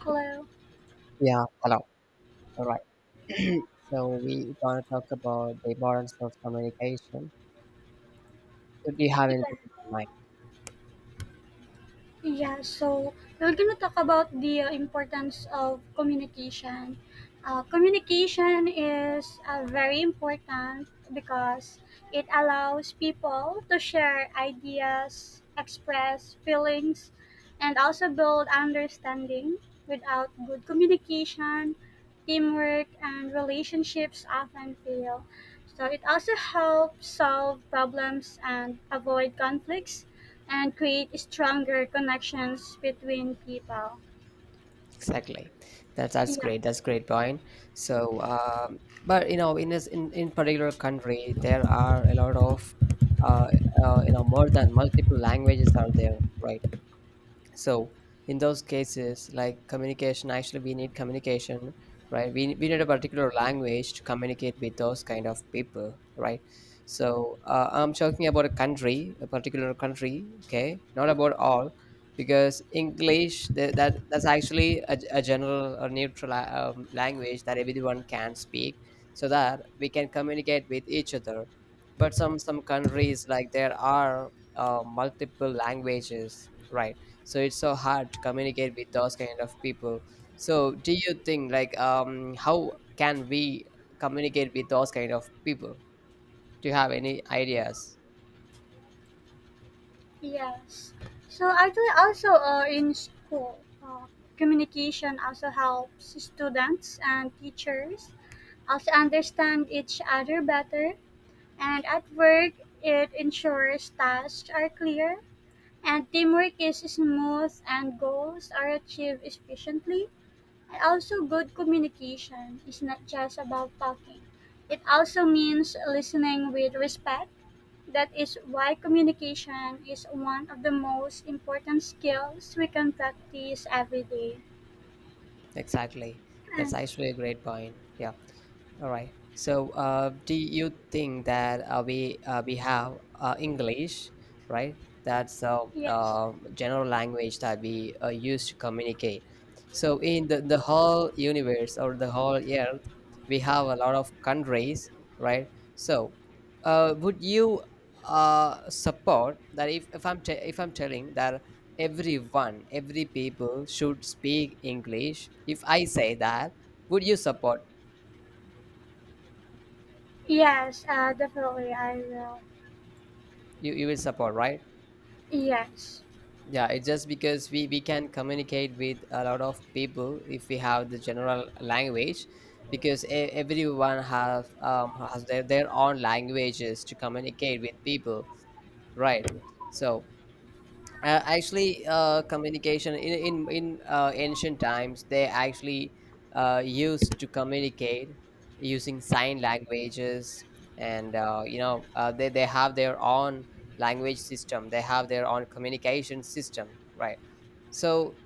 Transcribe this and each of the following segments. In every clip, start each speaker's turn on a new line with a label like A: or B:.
A: Hello.
B: Yeah, hello. All right. So we gonna talk about the importance of communication. Do you have
A: Yeah.
B: anything in mind?
A: Yeah. So we're gonna talk about the importance of communication. Communication is very important because it allows people to share ideas, express feelings, and also build understanding. Without good communication, teamwork and relationships often fail. So it also helps solve problems and avoid conflicts and create stronger connections between people.
B: Exactly. That's
A: Yeah,
B: great. That's great point. So, um, but you know, in this in particular country, there are a lot of, uh, you know, more than multiple languages are there, right? So in those cases, like, communication, actually we need communication, right? We need a particular language to communicate with those kind of people, right? So I'm talking about a country, a particular country, okay, not about all, because english that's actually a general or neutral language that everyone can speak, so that we can communicate with each other. But some countries, like, there are multiple languages, right? So it's so hard to communicate with those kind of people. So do you think, like, um, how can we communicate with those kind of people? Do you have any ideas?
A: yes. So actually, also in school, communication also helps students and teachers also understand each other better. And at work, it ensures tasks are clear and teamwork is smooth and goals are achieved efficiently. And also, good communication is not just about talking. It also means listening with respect. That is why communication is one of the most important skills we can practice every day.
B: Exactly. That's
A: And
B: actually a great point. Yeah. All right. So, do you think that we have English, right? That's a
A: yes,
B: general language that we use to communicate. So, in the whole universe or the whole earth, we have a lot of countries, right? So, would you support that if, if I'm telling that everyone, every people should speak English. If I say that, would you support?
A: yes, definitely I will.
B: You will support, right?
A: Yes,
B: Yeah, it's just because we can communicate with a lot of people if we have the general language, because everyone have has their own languages to communicate with people, right? So communication in ancient times, they actually used to communicate using sign languages, and you know, they have their own language system. They have their own communication system, right? So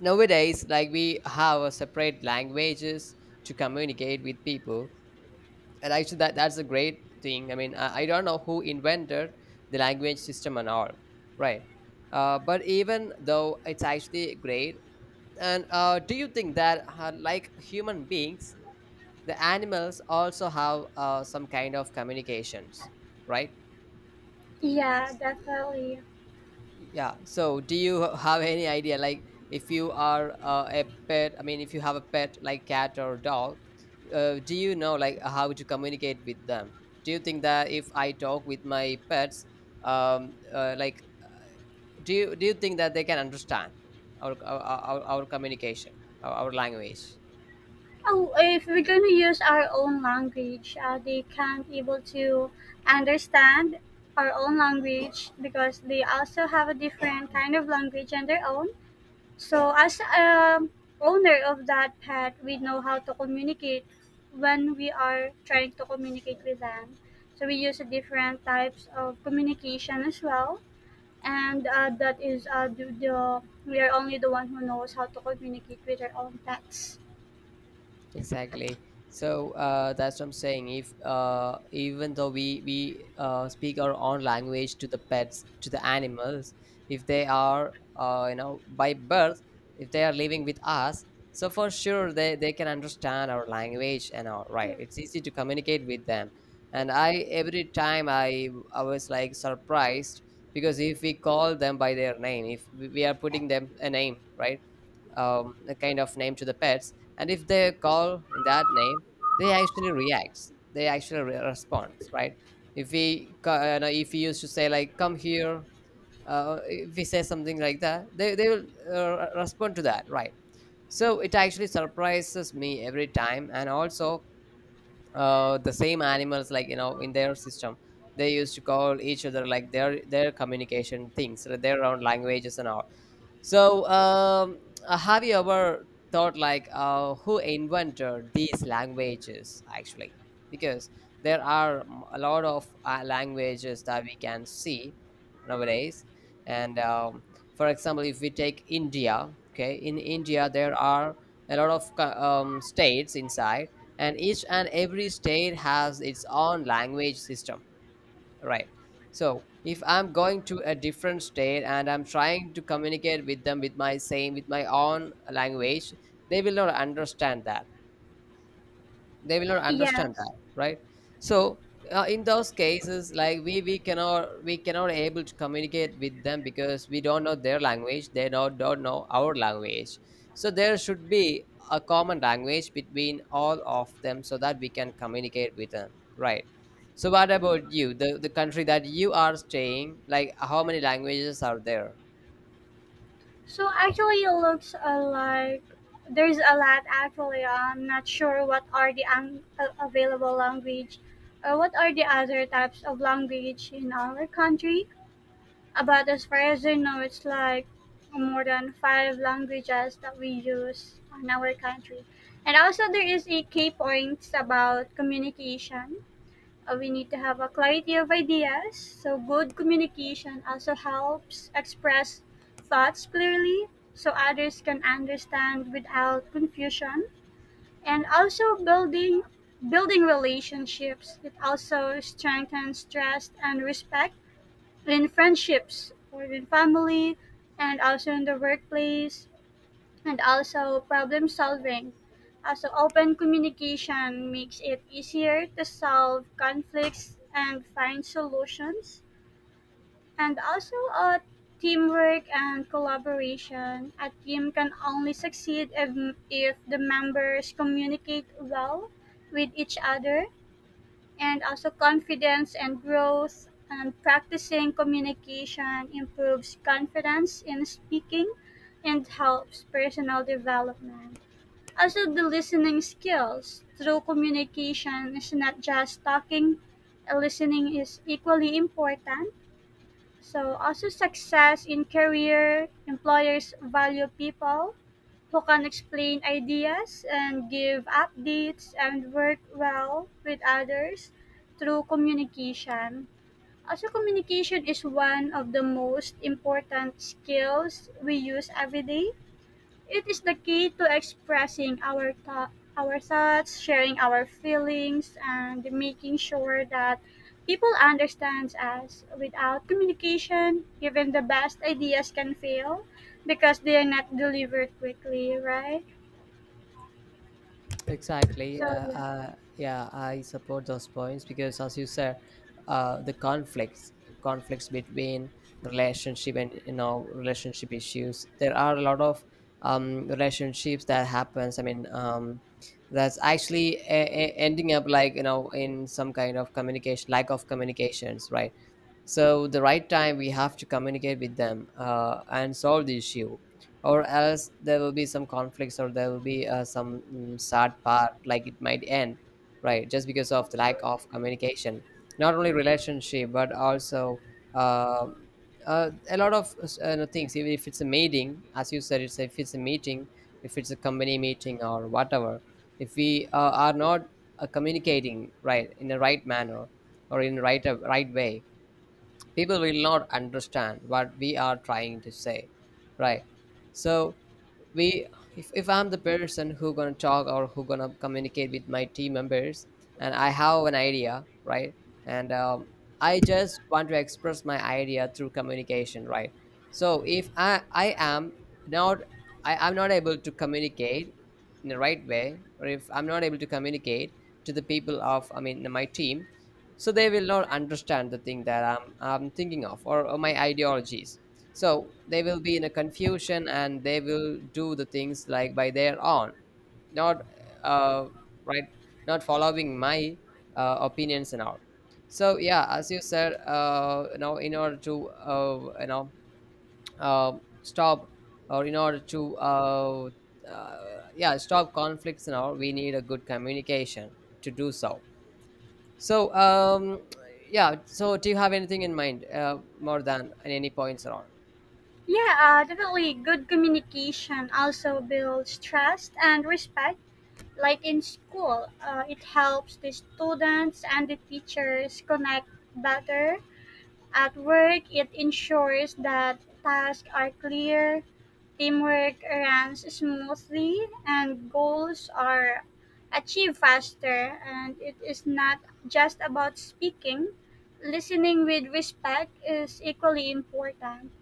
B: nowadays, like, we have a separate languages to communicate with people, and actually that's a great thing. I mean, I don't know who invented the language system and all, right? But even though it's actually great. And do you think that, like, human beings, the animals also have some kind of communications, right?
A: yeah, definitely.
B: Yeah, so do you have any idea, like, if you are a pet? I mean, if you have a pet, like cat or dog, do you know, like, how to communicate with them? Do you think that if I talk with my pets, like, do you think that they can understand our communication, our language?
A: Oh, if we're gonna use our own language, they can't able to understand our own language because they also have a different kind of language and their own. So as a owner of that pet, we know how to communicate when we are trying to communicate with them. So we use a different types of communication as well, and that is the, we are only the one who knows how to communicate with our own pets.
B: Exactly. So that's what I'm saying. If, even though we speak our own language to the pets, to the animals, if they are, you know, by birth, if they are living with us, so for sure they can understand our language and all, right?
A: Yeah.
B: It's easy to communicate with them. And I, every time I was like surprised, because if we call them by their name, if we are putting them a name, right? A kind of name to the pets, and if they call in that name, they actually react. They actually respond, right? If we ca- no, if we used to say, like, come here, if we say something like that, they will respond to that, right? So it actually surprises me every time. And also, the same animals, like, you know, in their system, they used to call each other, like, their communication things, their own languages and all. so, um, have you ever thought, like, who invented these languages, actually? Because there are a lot of languages that we can see nowadays. And for example, if we take India, okay, in India there are a lot of states inside, and each and every state has its own language system. Right. So if I'm going to a different state and I'm trying to communicate with them with my same, with my own language, they will not understand that. They will not understand that,
A: Yes.
B: right? So in those cases, like, we cannot able to communicate with them because we don't know their language, they don't know our language. So there should be a common language between all of them, so that we can communicate with them, right? So what about you, the country that you are staying, like, how many languages are there?
A: So actually, it looks like there's a lot. Actually, I'm not sure what are the available language, or what are the other types of language in our country. But as far as I know, it's like more than 5 languages that we use in our country. And also, there is a key points about communication we need to have a clarity of ideas. So good communication also helps express thoughts clearly so others can understand without confusion. And also building relationships. It also strengthens trust and respect in friendships or in family and also in the workplace and also problem solving. Also, open communication makes it easier to solve conflicts and find solutions. And also, teamwork and collaboration. A team can only succeed if the members communicate well with each other. And also, confidence and growth. And practicing communication improves confidence in speaking and helps personal development. Also, the listening skills through communication is not just talking, listening is equally important. So, also, success in career, employers value people who can explain ideas and give updates and work well with others through communication. Also, communication is one of the most important skills we use every day it is the key to expressing our thoughts, sharing our feelings, and making sure that people understand us. Without communication, even the best ideas can fail because they are not delivered quickly, right?
B: Exactly.
A: So
B: Yeah.
A: yeah,
B: Yeah. I support those points because, as you said, the conflicts between relationship, and, you know, relationship issues. There are a lot of relationships that happens. I mean, that's actually ending up, like, you know, in some kind of communication, lack of communications, right? So the right time we have to communicate with them, and solve the issue, or else there will be some conflicts, or there will be some, sad part, like it might end, right, just because of the lack of
A: absolutely.
B: communication. Not only relationship, but also, uh, a lot of things. Even if it's a meeting, as you said, it's, if it's a meeting, if it's a company meeting or whatever, if we are not communicating right, in a right manner, or in right right way, people will not understand what we are trying to say, right? So we, if I'm the person who gonna talk, or who gonna communicate with my team members, and I have an idea, right? And I just want to express my idea through communication, right? So if I I am not I'm not able to communicate in the right way, or if I'm not able to communicate to the people of, I mean, my team, so they will not understand the thing that I'm thinking of, or my ideologies. So they will be in a confusion, and they will do the things, like, by their own. Not, uh, right, not following my opinions and all. So, yeah, as you said, you know, in order to, you know, stop, or in order to, uh, yeah, stop conflicts and all, we need a good communication to do so. so, um, yeah. So, do you have anything in mind, more than any points around?
A: Yeah, definitely. Good communication also builds trust and respect. Like in school, it helps the students and the teachers connect better. At work, it ensures that tasks are clear, teamwork runs smoothly, and goals are achieved faster. And it is not just about speaking, listening with respect is equally important.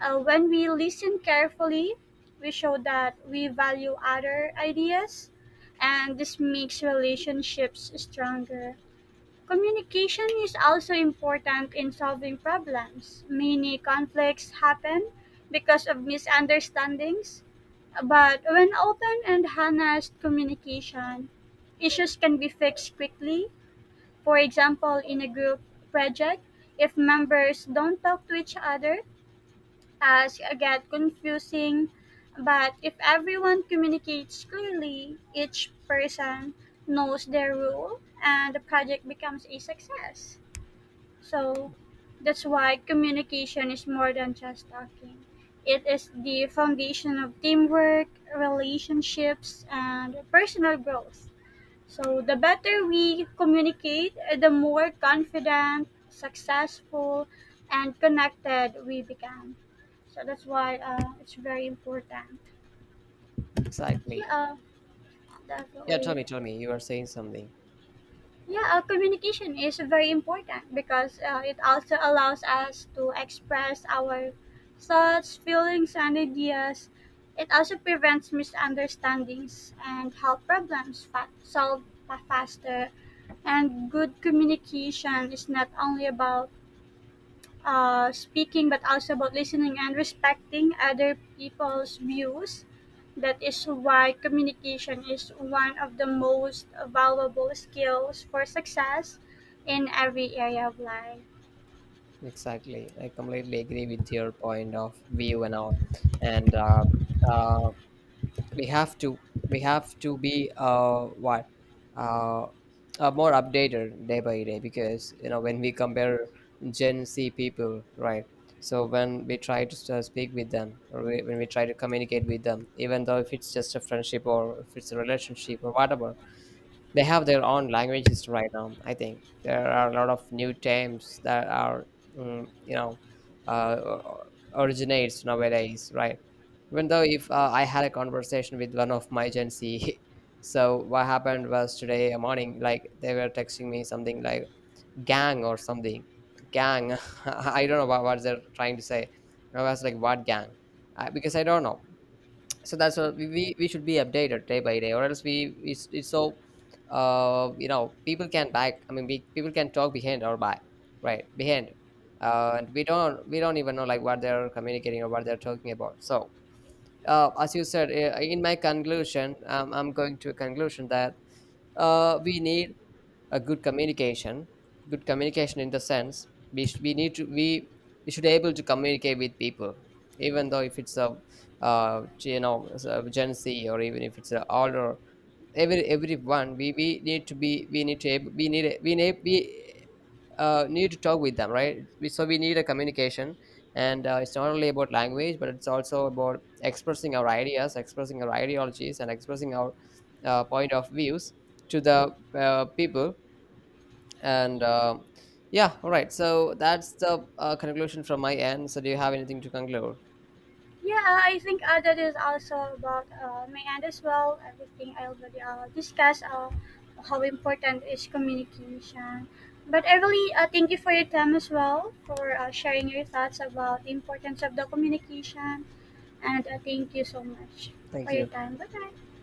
A: When we listen carefully, we show that we value other ideas, and this makes relationships stronger. Communication is also important in solving problems. Many conflicts happen because of misunderstandings, but when open and honest communication, issues can be fixed quickly. For example, in a group project, if members don't talk to each other, tasks get confusing. But if everyone communicates clearly, each person knows their role, and the project becomes a success. So that's why communication is more than just talking. It is the foundation of teamwork, relationships, and personal growth. So the better we communicate, the more confident, successful, and connected we become. So that's why it's very important.
B: Exactly.
A: Yeah,
B: Yeah. Tell
A: definitely.
B: me. Tell me. You are saying something.
A: Yeah, communication is very important because it also allows us to express our thoughts, feelings, and ideas. It also prevents misunderstandings and help problems solve faster. And good communication is not only about speaking, but also about listening and respecting other people's views. That is why communication is one of the most valuable skills for success in every area of life.
B: Exactly. I completely agree with your point of view and all. And uh, we have to, we have to be, uh, what, uh, more updated day by day, because, you know, when we compare Gen Z people, right? So when we try to speak with them, when we try to communicate with them, even though if it's just a friendship, or if it's a relationship or whatever, they have their own languages right now. I think there are a lot of new terms that are, you know, uh, originates nowadays, right? Even though, if I had a conversation with one of my Gen Z, so what happened was, today morning, like, they were texting me something like gang or something, gang. I don't know what they're trying to say. I was like, what gang? Because I don't know. So that's what we, we should be updated day by day, or else we, it's so, you know, people can back, I mean, people can talk behind our back, right, behind. And we don't, even know, like, what they're communicating or what they're talking about. So as you said, in my conclusion, I'm going to a conclusion that we need a good communication. Good communication in the sense, we need to, we should able to communicate with people, even though if it's a, you know, a Gen Z, or even if it's an older, everyone, we need to be, we need to able, we need to talk with them, right? So we need a communication. And it's not only about language, but it's also about expressing our ideas, expressing our ideologies, and expressing our point of views to the people. And yeah, all right. So that's the conclusion from my end. So do you have anything to conclude?
A: Yeah, I think that is also about my end as well. Everything I already discussed how important is communication. But I really thank you for your time as well for sharing your thoughts about the importance of the communication. And thank you so much for
B: Thank
A: your
B: you.
A: time. Bye-bye.